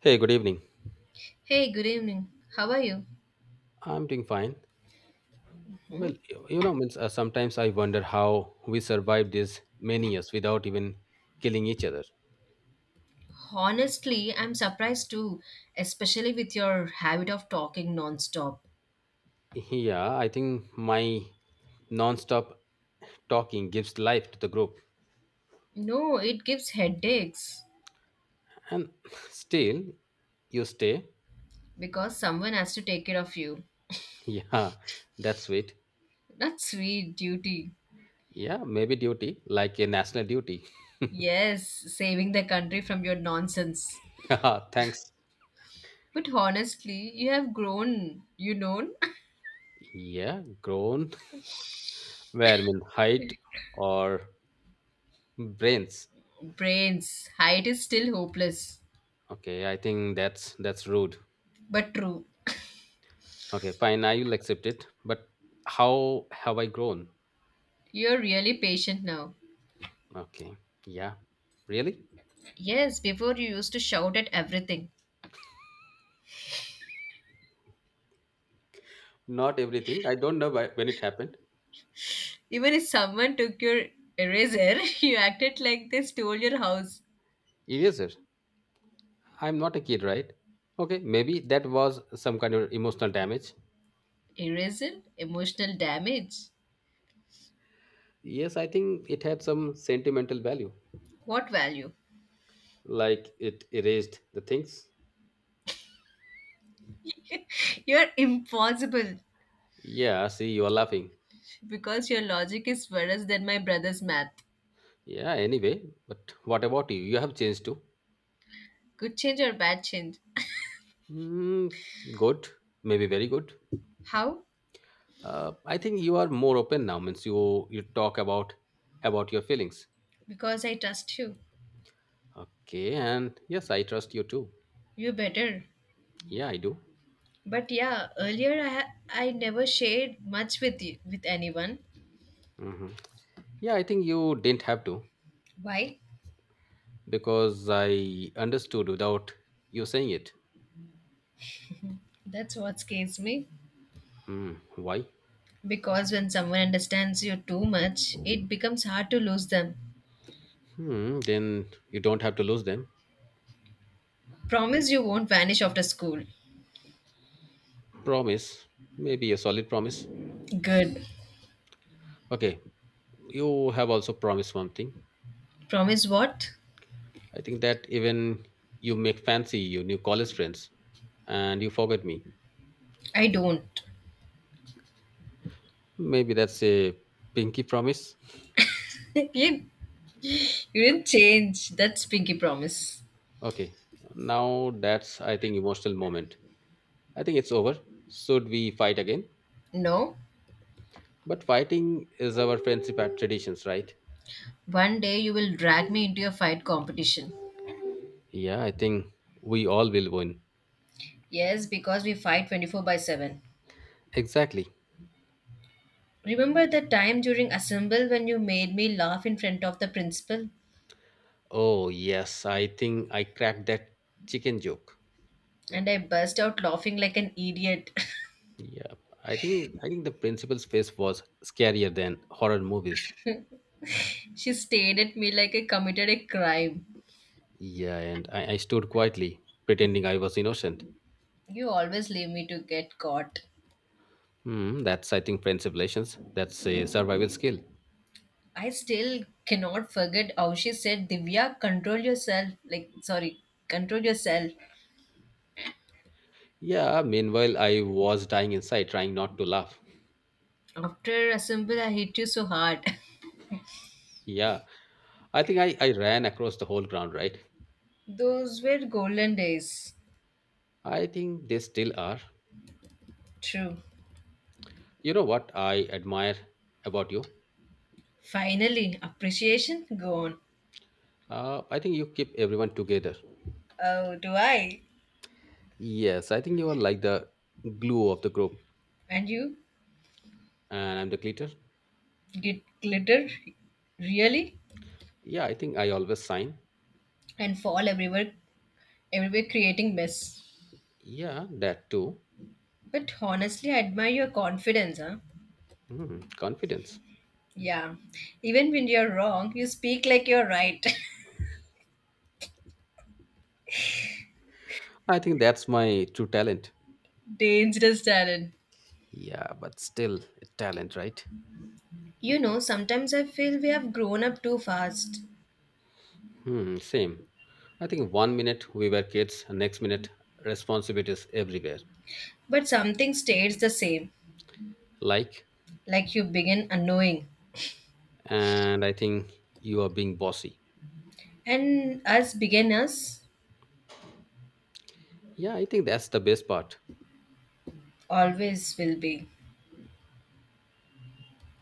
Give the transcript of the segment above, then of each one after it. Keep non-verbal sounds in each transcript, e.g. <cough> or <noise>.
Hey, good evening. Hey, good evening. How are you? I'm doing fine. Well, you know, means sometimes I wonder how we survived these many years without even killing each other. Honestly, I'm surprised too, especially with your habit of talking nonstop. Yeah, I think my non-stop talking gives life to the group, No, it gives headaches and <laughs> still you stay. because someone has to take care of you. <laughs> Yeah, that's sweet. That's sweet duty. Yeah, maybe duty, like a national duty. <laughs> Yes, saving the country from your nonsense. Yeah, thanks. But honestly, you have grown, you know? Yeah, grown. <laughs> Where I mean height or brains. <laughs> Brains, height is still hopeless, Okay, I think that's rude. but true. Okay, fine. I will accept it. But how have I grown? You're really patient now. Okay. Yeah. Really? Yes, before you used to shout at everything. Not everything. I don't know why, when it happened. Even if someone took your eraser, <laughs> you acted like they stole your house. Yes, sir. I'm not a kid, right? Okay. Maybe that was some kind of emotional damage. Eraser? Emotional damage? Yes, I think it had some sentimental value. What value? Like it erased the things. You're impossible Yeah, see, you are laughing. because your logic is worse than my brother's math. Yeah, anyway. But what about you? You have changed too. Good change or bad change? Hmm. Good. Maybe very good. How? I think you are more open now, means you talk about your feelings. Because I trust you. Okay, and yes, I trust you too. You better. Yeah, I do. But yeah, earlier I never shared much with you with anyone. Hmm. Yeah, I think you didn't have to. Why? Because I understood without you saying it. That's what scares me. Hmm, why? Because when someone understands you too much, it becomes hard to lose them. Hmm, then you don't have to lose them. Promise you won't vanish after school. Promise. Maybe a solid promise. Good. Okay, you have also promised one thing. Promise what? I think that even you make fancy your new college friends and you forget me. I don't. Maybe that's a pinky promise. <laughs> you, you didn't change. That's pinky promise. Okay, now that's, I think, emotional moment. I think it's over. Should we fight again? No. But fighting is our friendship at traditions, right? One day you will drag me into your fight competition. Yeah, I think we all will win. Yes, because we fight 24 by 7. Exactly. Remember the time during assemble when you made me laugh in front of the principal? Oh, yes, I think I cracked that chicken joke. And I burst out laughing like an idiot. Yeah, I think the principal's face was scarier than horror movies. <laughs> She stared at me like I committed a crime. Yeah, and I stood quietly, pretending I was innocent. You always leave me to get caught. Hmm, that's I think friendship relations. That's a survival skill. I still cannot forget how she said, "Divya, control yourself." Like, sorry, control yourself. Yeah, meanwhile, I was dying inside, trying not to laugh. After Assemble, I hit you so hard. Yeah, I think I ran across the whole ground, right? <laughs> Those were golden days. I think they still are. True. You know what I admire about you? Finally, appreciation gone. I think you keep everyone together. Oh, do I? Yes, I think you are like the glue of the group, And you and I'm the glitter. get glitter? Really? Yeah, I think I always sign. And fall everywhere creating mess. Yeah, that too. But honestly, I admire your confidence, huh? Hmm, confidence. Yeah. Even when you're wrong, you speak like you're right. I think that's my true talent. <laughs> Dangerous talent. Yeah, but still, it's talent, right? You know, sometimes I feel we have grown up too fast, Hmm, same. I think one minute we were kids, and next minute responsibilities everywhere. but something stays the same, Like, like you begin unknowing. and I think you are being bossy. And us beginners Yeah, I think that's the best part. always will be.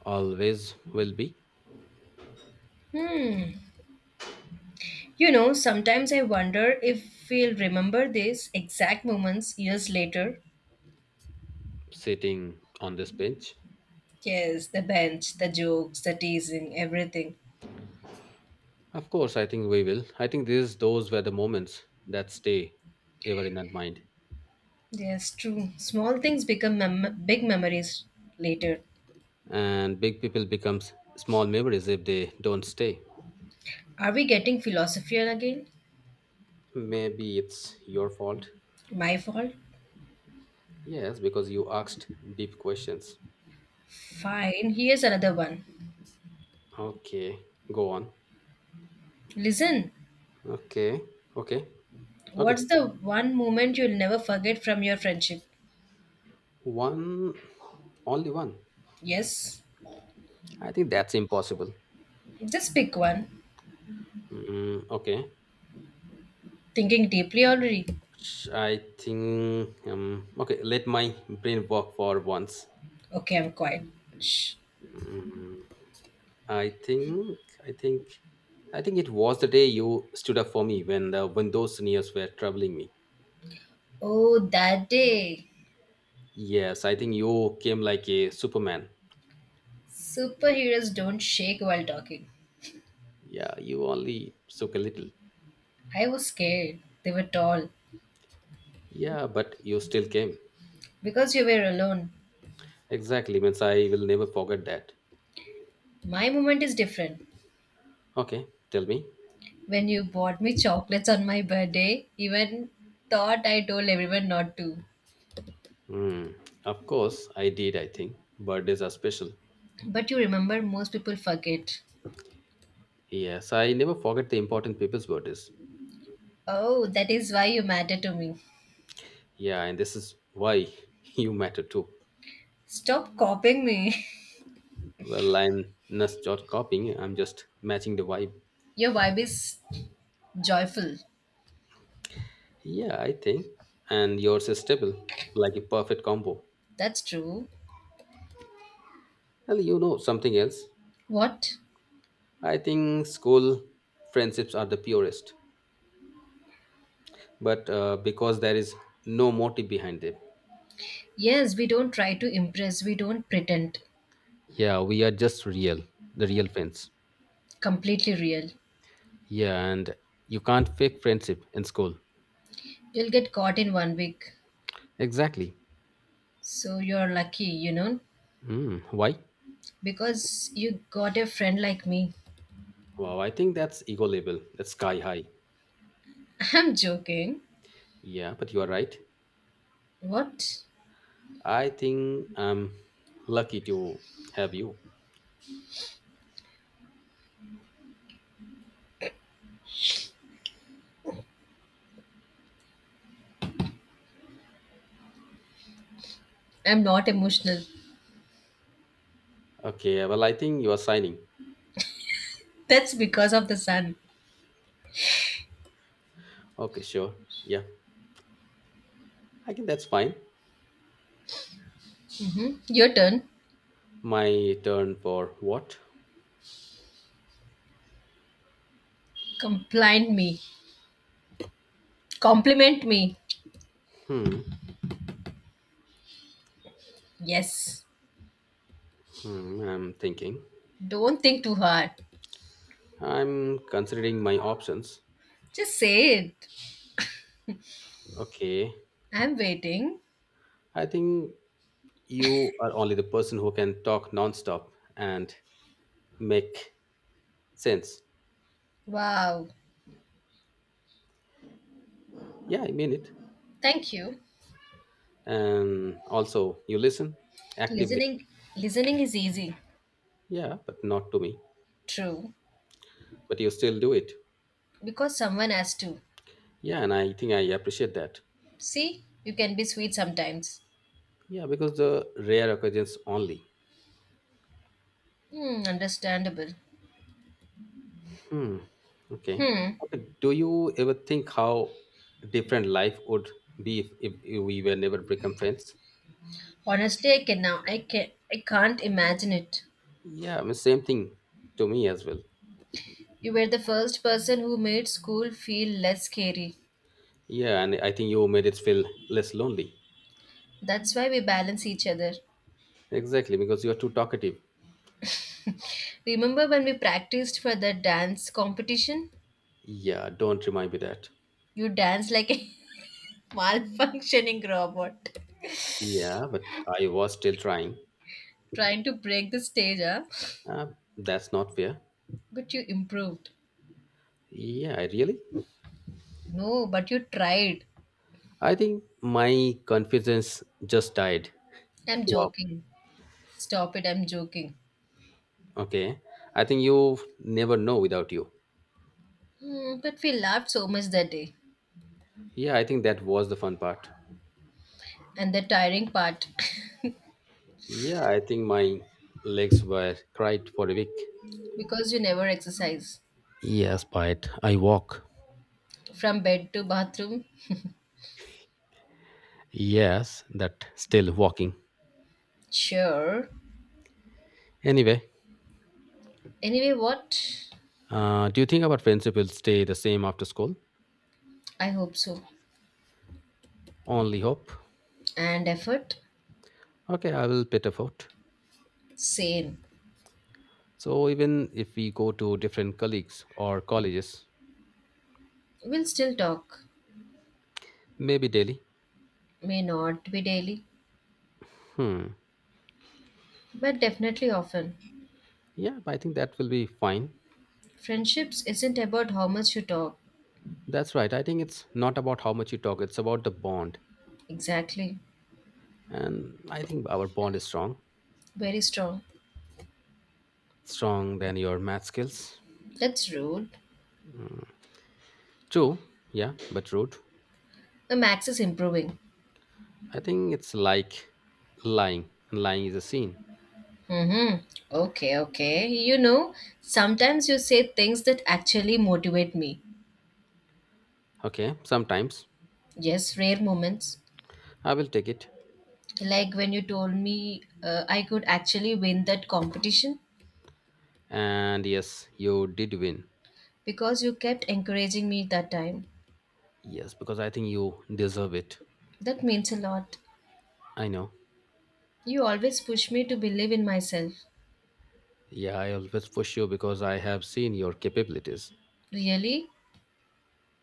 Always will be You know, sometimes I wonder if we'll remember these exact moments years later. sitting on this bench. Yes, the bench, the jokes, the teasing, everything. Of course, I think we will. I think these those were the moments that stay ever in that mind. Yes, true. Small things become big memories later. And big people becomes small memories if they don't stay. Are we getting philosophical again? Maybe it's your fault. My fault? Yes, because you asked deep questions. Fine, here's another one. Okay, go on. Listen, Okay, okay, okay. what's the one moment you'll never forget from your friendship? One, only one. Yes. I think that's impossible. Just pick one. Mm, okay, Thinking deeply already. I think. Okay, let my brain work for once. Okay, I'm quiet. Shh. I think. I think. I think it was the day you stood up for me when the when those seniors were troubling me. Oh, that day. Yes, I think you came like a Superman. Superheroes don't shake while talking. Yeah, you only shook a little. I was scared. They were tall. Yeah, but you still came. Because you were alone. Exactly, means I will never forget that. My moment is different. Okay, tell me. When you bought me chocolates on my birthday, even thought I told everyone not to. Hmm. Of course, I did, I think. Birthdays are special. But you remember, most people forget. Yes, I never forget the important people's birthdays. Oh, that is why you matter to me. Yeah, and this is why <laughs> you matter too. Stop copying me. Well, I'm not just copying, I'm just matching the vibe. <laughs> Your vibe is joyful. Yeah, I think. And yours is stable, like a perfect combo. That's true. Well, you know something else. What? I think school friendships are the purest, but because there is no motive behind them. Yes, we don't try to impress, we don't pretend. Yeah, we are just real, the real friends. Completely real. Yeah, and you can't fake friendship in school. You'll get caught in one week. Exactly. So you're lucky, Hmm. Why? because you got a friend like me. Wow, I think that's ego level. That's sky high. <laughs> I'm joking. Yeah, but you are right. What? I think I'm lucky to have you. I'm not emotional. Okay, well, I think you are signing. That's because of the sun. Okay, sure. Yeah, I think that's fine. Hmm. Your turn. My turn for what? Complain me. Compliment me. Hmm. Yes. Hmm. I'm thinking. Don't think too hard. I'm considering my options. Just say it. Okay. I'm waiting. I think you are only the person who can talk nonstop and make sense. Wow. Yeah, I mean it. Thank you. And also, you listen actively. Listening listening is easy. Yeah, but not to me. True. But you still do it. Because someone has to. Yeah, and I think I appreciate that. See, you can be sweet sometimes. Yeah, because the rare occasions only. Hmm, understandable. Hmm. Okay. Hmm. Okay. Do you ever think how different life would be if, we were never become friends? Honestly, I can now I can I can't imagine it. Yeah, I mean, same thing to me as well. You were the first person who made school feel less scary. Yeah, and I think you made it feel less lonely. That's why we balance each other. Exactly, because you are too talkative. Remember when we practiced for the dance competition? Yeah, don't remind me that. You danced like a <laughs> malfunctioning robot. Yeah, but I was still trying. Trying to break the stage, huh? Uh, that's not fair. But you improved. Yeah, really? No, but you tried. I think my confidence just died. I'm Wow. joking. Stop it, I'm joking. Okay. I think you never know without you. Hmm, but we laughed so much that day. Yeah, I think that was the fun part. And the tiring part, Yeah, I think my legs were cried for a week. <laughs> because you never exercise. Yes, but I walk. From bed to bathroom? Yes, that still walking. Sure. Anyway, Anyway, what? Do you think our friendship will stay the same after school? I hope so. Only hope. And effort? Okay, I will pet a foot. Same. So even if we go to different colleagues or colleges, We'll still talk. maybe daily. May not be daily, Hmm. but definitely often. Yeah, I think that will be fine. Friendships isn't about how much you talk. That's right. I think it's not about how much you talk, it's about the bond. Exactly. And I think our bond is strong. Very strong. Strong than your math skills. That's rude. True, yeah, but rude. The max is improving. I think it's like lying. And lying is a sin. Mm-hmm. Okay, okay. You know, sometimes you say things that actually motivate me. Okay, sometimes. Yes, rare moments. I will take it. Like when you told me I could actually win that competition And yes, you did win. because you kept encouraging me that time. Yes, because I think you deserve it. That means a lot. I know. You always push me to believe in myself. Yeah, I always push you because I have seen your capabilities. Really?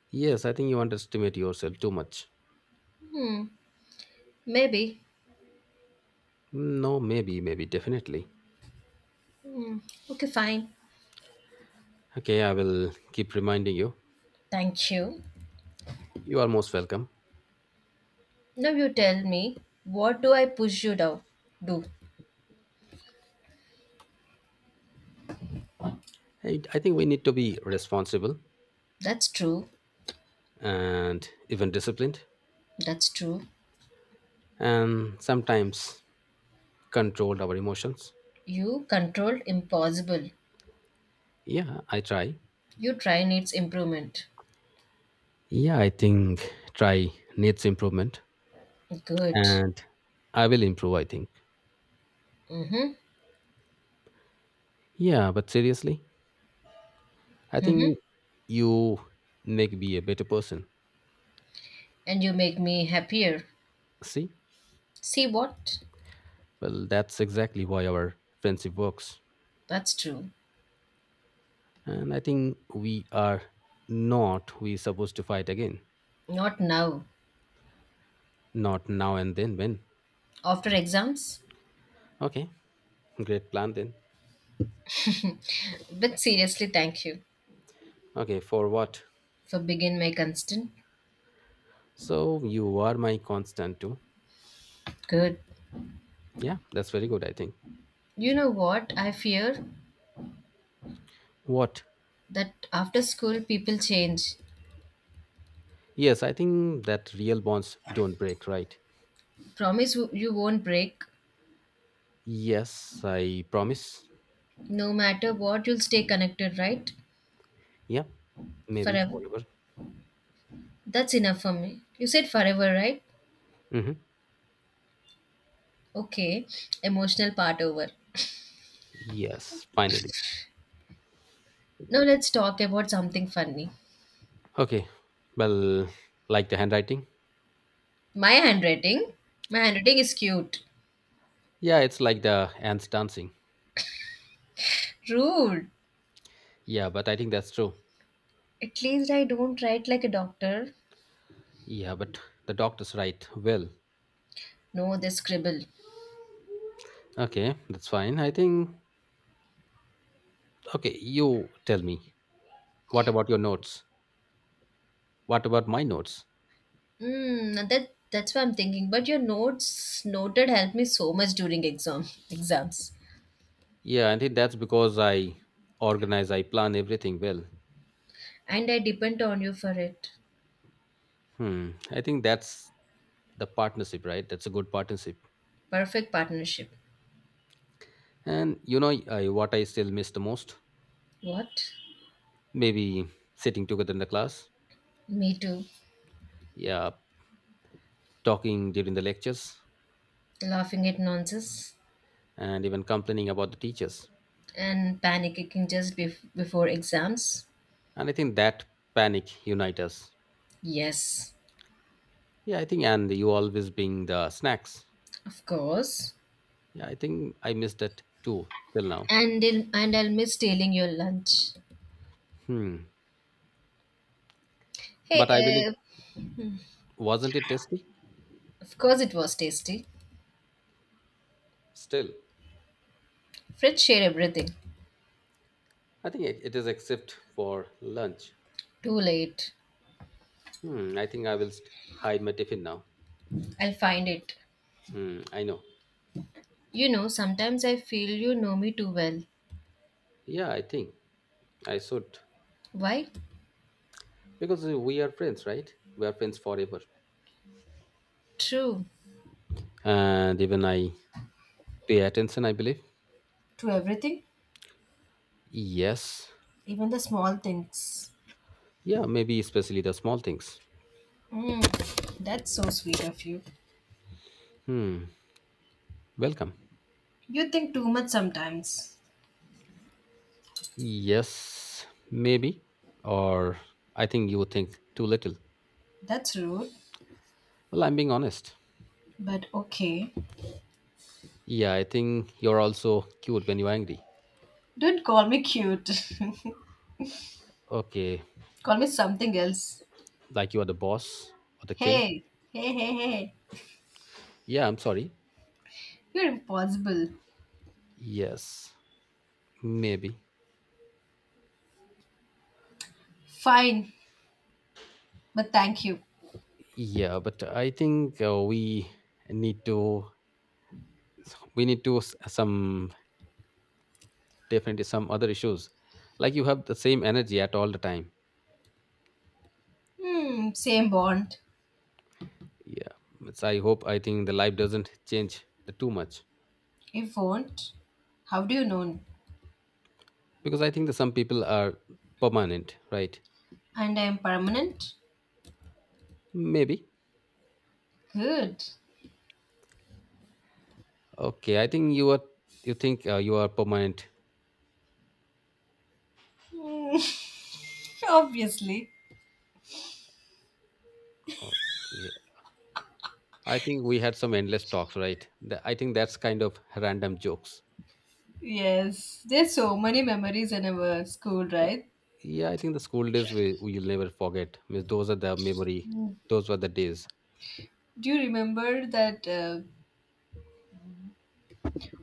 Yes, I think you underestimate yourself too much. Hmm. Maybe. No, maybe, maybe, definitely. Hmm. Okay, fine. Okay, I will keep reminding you. Thank you. You are most welcome. Now you tell me, what do I push you to do? I think we need to be responsible That's true. and even disciplined That's true. and sometimes control our emotions. You controlled impossible. Yeah, I try. You try needs improvement. Yeah, I think try needs improvement Good. and I will improve, I think. Mm-hmm. Yeah, but seriously, I Mm-hmm. think you make me a better person. And you make me happier. See? See what? Well, that's exactly why our friendship works. That's true. And I think we are not we supposed to fight again. Not now. Not now and then when. After exams? Okay, great plan then. But seriously, thank you Okay, for what? for being my constant. So you are my constant too. Good. Yeah, that's very good, I think. You know what? I fear What? that after school people change. Yes, I think that real bonds don't break, right? Promise you won't break. Yes, I promise. No matter what, you'll stay connected, right? Yeah, maybe Forever. forever. That's enough for me. You said forever, right? Hmm. Okay, emotional part over. Yes, finally. Now let's talk about something funny. Okay, well, like the handwriting? My handwriting? My handwriting is cute. Yeah, it's like the ants dancing. Rude. Yeah, but I think that's true. At least I don't write like a doctor. Yeah, but the doctor's right. Well, No, they scribble. okay, that's fine. I think, okay, you tell me. What about your notes? What about my notes? Hmm, that's what I'm thinking. But your notes noted helped me so much during exam <laughs> exams. Yeah, I think that's because I organize, I plan everything well. And I depend on you for it. Hmm, I think that's the partnership, right? That's a good partnership. Perfect partnership. And you know, what I still miss the most? What? Maybe sitting together in the class. Me too. Yeah, talking during the lectures Laughing at nonsense and even complaining about the teachers. and panicking just before exams. And I think that panic unite us. Yes. Yeah, I think, and you always bring the snacks. Of course. Yeah, I think I missed that too till now. And I'll miss stealing your lunch. Hmm. Hey, But I believe, uh, wasn't it tasty? of course it was tasty. Still, Friends share everything. I think it is except for lunch. Too late. Hmm. I think I will hide my tiffin now. I'll find it. Hmm. I know. You know, sometimes I feel you know me too well. Yeah, I think I should. Why? Because we are friends, right? We are friends forever. True. And even I pay attention, I believe. To everything, Yes. even the small things. Yeah, maybe especially the small things. That's so sweet of you. Hmm. Welcome. You think too much sometimes. Yes, maybe. Or I think you think too little. That's rude, Well, I'm being honest. but okay. Yeah, I think you're also cute when you're angry. Don't call me cute. Okay, <laughs> Call me something else. like you are the boss or the king. Hey, hey, hey, hey. Yeah, I'm sorry. You're impossible. Yes, maybe. Fine, but thank you. Yeah, but I think we need to some definitely some other issues. Like you have the same energy at all the time. Hmm, same bond. Yeah, it's, I hope I think the life doesn't change the, too much. If won't, how do you know? Because I think that some people are permanent, right? And I'm permanent? Maybe. Good. Okay, I think you think you are permanent. <laughs> Obviously. Okay. I think we had some endless talks, right? I think that's kind of random jokes. Yes. There's so many memories in our school, right? Yeah, yeah, I think the school days we'll never forget, means those are the memory, those were the days. Do you remember that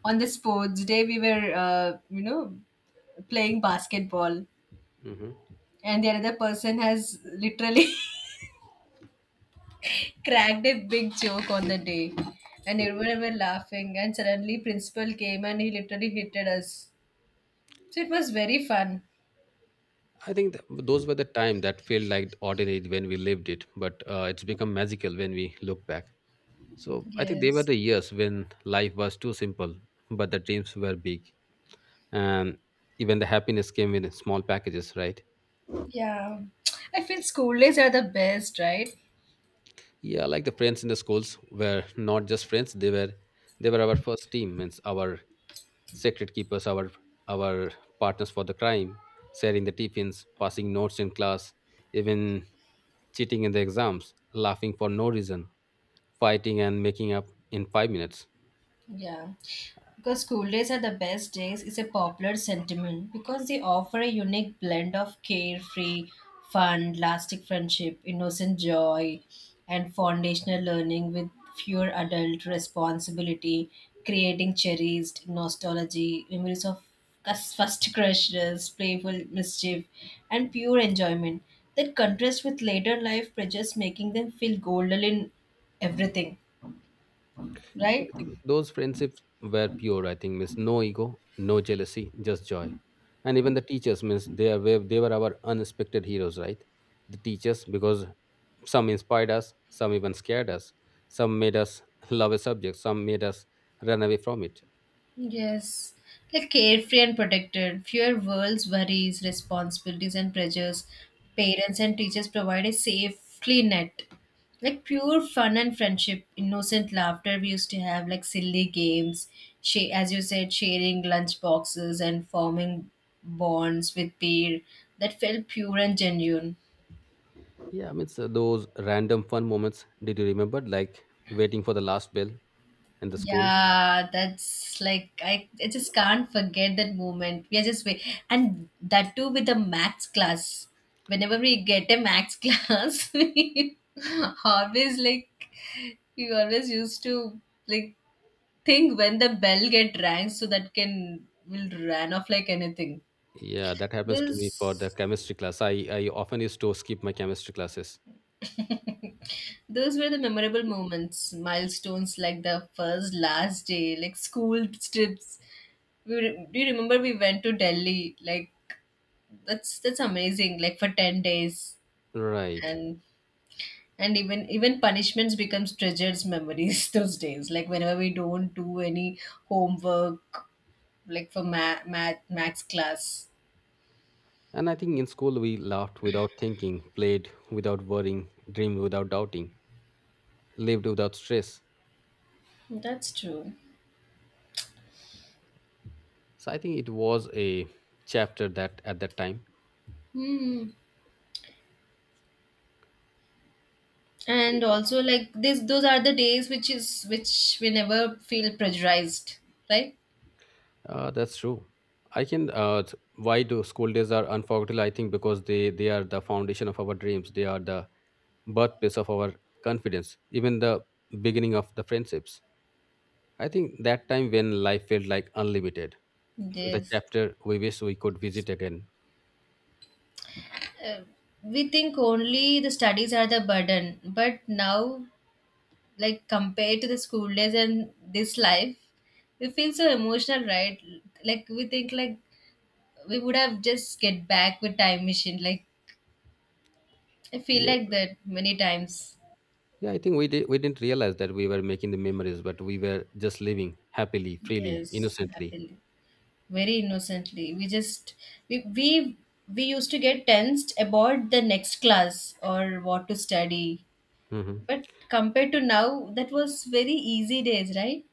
on the sports day we were playing basketball, Hmm. and the other person has literally <laughs> cracked a big joke on the day, and everyone were laughing, and suddenly principal came and he literally hated us, so it was very fun. I think those were the time that felt like ordinary when we lived it, but it's become magical when we look back. So I think they were Yes. the years when life was too simple, but the dreams were big, and even the happiness came in small packages, right? Yeah, I feel school days are the best, right? Yeah, like the friends in the schools were not just friends, they were our first team, means our secret keepers, our partners for the crime, sharing the tiffins, passing notes in class, even cheating in the exams, laughing for no reason, fighting and making up in 5 minutes. Yeah. Because school days are the best days is a popular sentiment because they offer a unique blend of carefree, fun, lasting friendship, innocent joy, and foundational learning with fewer adult responsibility, creating cherished nostalgia, memories of first crushes, playful mischief, and pure enjoyment that contrast with later life pressures, making them feel golden in everything, Yeah, right? I think those friendships were pure. I think means no ego, no jealousy, just joy. And even the teachers means they were our unexpected heroes, right? The teachers because some inspired us, some even scared us, some made us <laughs> love a subject, some made us run away from it. Yes, like carefree and protected, fewer world's worries, responsibilities, and pressures. Parents and teachers provide a safely net. Like pure fun and friendship, innocent laughter we used to have, like silly games, she, as you said, sharing lunch boxes and forming bonds with peer that felt pure and genuine. Yeah, I mean so those random fun moments. Did you remember like waiting for the last bell in the school? Yeah, that's like I just can't forget that moment. We are just wait, and that too with the max class. Whenever we get a max <laughs> class, always like we always used to like think when the bell get rang so that can will run off like anything. Yeah, that happens to me for the This chemistry class. I often used to skip my chemistry classes. Those were the memorable moments, milestones like the first, last day, like school trips. Do you remember we went to Delhi? Like that's amazing. Like for 10 days, Right. and and even punishments becomes treasures memories <laughs> those days. Like whenever we don't do any homework, like for math max class. And I think in school we laughed without thinking, played without worrying, dreamed without doubting, lived without stress. That's true. So I think it was a chapter that at that time. Hmm. And also like this, those are the days which we never feel pressurized, right? That's true. I can. Why do school days are unforgettable? I think because they are the foundation of our dreams. They are the birthplace of our confidence. Even the beginning of the friendships. I think that time when life felt like unlimited, <laughs> the Yes, chapter we wish we could visit again. we think only the studies are the burden, but now, like compared to the school days and this life, we feel so emotional, right? Like we think like we would have just get back with time machine. Like I feel Yes. like that many times. Yeah, I think we did. We didn't realize that we were making the memories, but we were just living happily, freely, Yes, innocently. happily, very innocently we just we we, we used to get tensed about the next class or what to study, Hmm. but compared to now that was very easy days, right?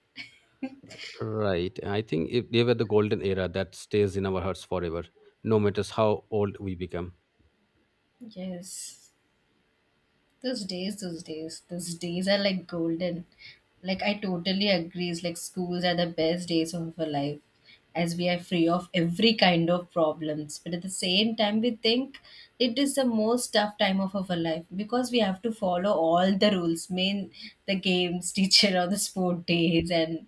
Right. I think if they were the golden era that stays in our hearts forever, no matter how old we become. Yes. Those days, those days, those days are like golden. Like I totally agree. It's like schools are the best days of our life, as we are free of every kind of problems. But at the same time, we think it is the most tough time of our life because we have to follow all the rules, main the games, <laughs> teacher or the sport days, and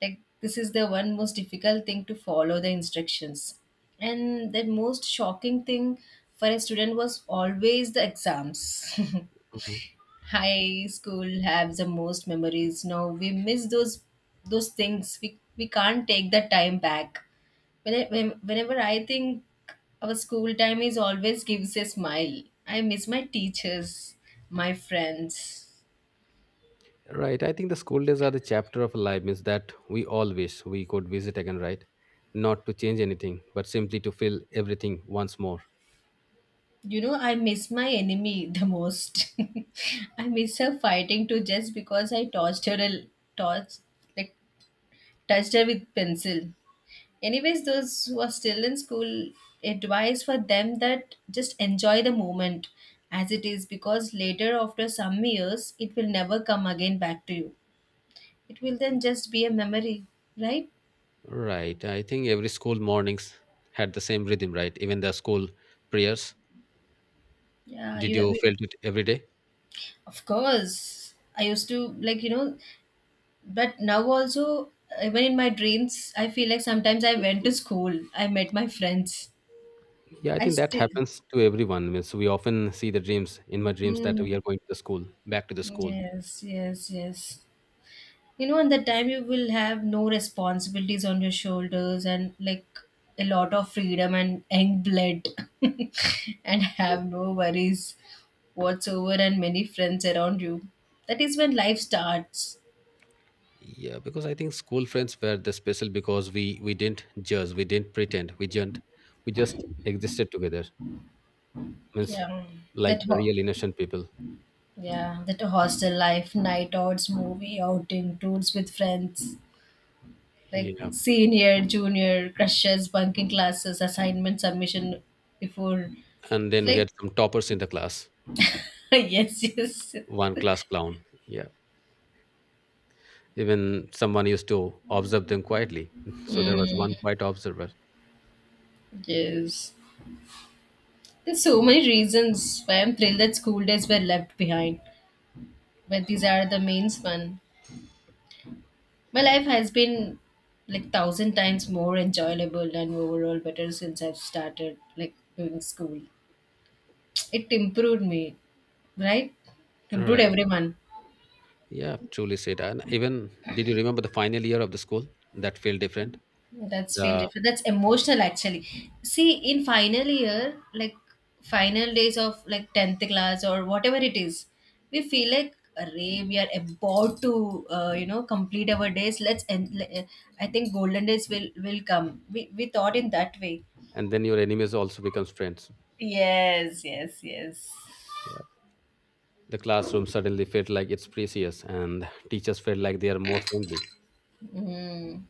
like this is the one most difficult thing to follow the instructions. And the most shocking thing for a student was always the exams. <laughs> Mhm. High school have the most memories. Now we miss those things, we can't take that time back, whenever I think our school time is always gives a smile. I miss my teachers, my friends. Right. I think the school days are the chapter of life, means that we all wish we could visit again, right? Not to change anything, but simply to feel everything once more. You know, I miss my enemy the most. <laughs> I miss her fighting too, just because I touched her a touched like touched her with pencil. Anyways, those who are still in school, advice for them that just enjoy the moment as it is, because later, after some years, it will never come again back to you. It will then just be a memory, right? Right. I think every school mornings had the same rhythm, right? Even the school prayers. Yeah, Did you have. you felt it every day? Of course, I used to like you know, but now also even in my dreams, I feel like sometimes I went to school. I met my friends. Yeah, I I think that still. happens to everyone. Means we often see the dreams in my dreams that we Hmm. are going to the school, back to the school. Yes, yes, yes. You know, in that time you will have no responsibilities on your shoulders, and like a lot of freedom and young blood <laughs> and True. have no worries whatsoever, and many friends around you. That is when life starts. Yeah, because I think school friends were the special because we didn't judge, we didn't pretend, we didn't, we just existed together. Means Yeah. like that the ho- real innocent people. yeah that hostel life, night outs, movie outing, tours with friends, Yeah, like senior junior crushes, bunking classes, assignment submission before, and then we like had some toppers in the class, <laughs> yes, yes, one class clown. Yeah, even someone used to observe them quietly. <laughs> So there was one quiet observer. yes. There's so many reasons why I'm thrilled that school days were left behind, but these are the main one. My life has been like 1,000 times more enjoyable and overall better since I've started like doing school. It improved me, right? Improved Right. everyone. Yeah, truly said. And even did you remember the final year of the school? That felt different. That's feel The different. That's emotional actually. See, in final year, like final days of like tenth class or whatever it is, we feel like array we are about to complete our days. Let's end. I think golden days will come. We thought in that way. And then your enemies also becomes friends. Yes, yes, yes. Yeah. The classroom suddenly felt like it's precious and teachers felt like they are more friendly. Mm.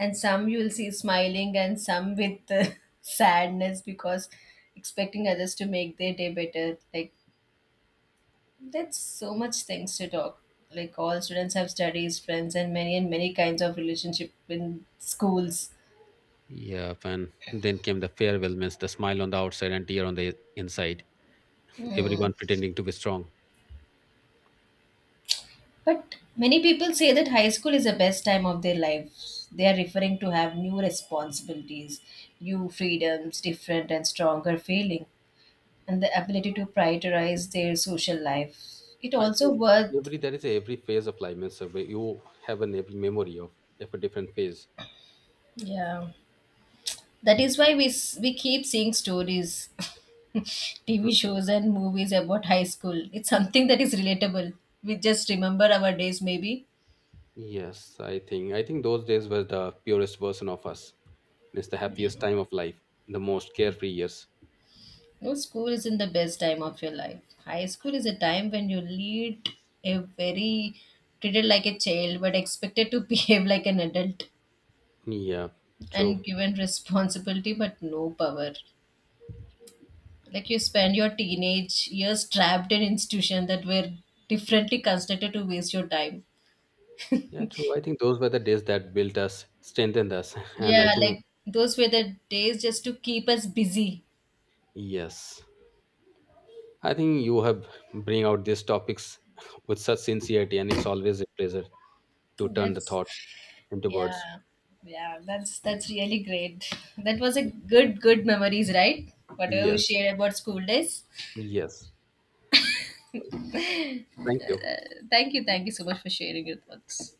And some you will see smiling, and some with <laughs> sadness because expecting others to make their day better. Like, that's so much things to talk. Like all students have studies, friends, and many kinds of relationship in schools. Yeah, and then came the farewell, means the smile on the outside and tear on the inside. Everyone pretending to be strong. But many people say that high school is the best time of their lives. They are referring to have new responsibilities, new freedoms, different and stronger feeling, and the ability to prioritize their social life. It I also think worth. every there is a every phase of life, means where you have an every memory of a different phase. Yeah. That is why we keep seeing stories, TV shows and movies about high school. It's something that is relatable. We just remember our days, maybe. Yes, I think those days were the purest version of us. It's the happiest Yeah. time of life, the most carefree years. No, school isn't the best time of your life. High school is a time when you lead a very treated like a child, but expected to <laughs> behave like an adult Yeah, and true. given responsibility but no power. Like you spend your teenage years trapped in institutions that were differently constructed to waste your time. Yeah, true. I think those were the days that built us, strengthened us, <laughs> and I Yeah, think like those were the days just to keep us busy. yes, I think you have bring out these topics <laughs> with such sincerity, and it's always a pleasure to turn the That's, thoughts into words. yeah, yeah. That's really great. That was a good memories, right? Whatever you Yes, shared about school days. yes. Thank you. Thank you so much for sharing your thoughts.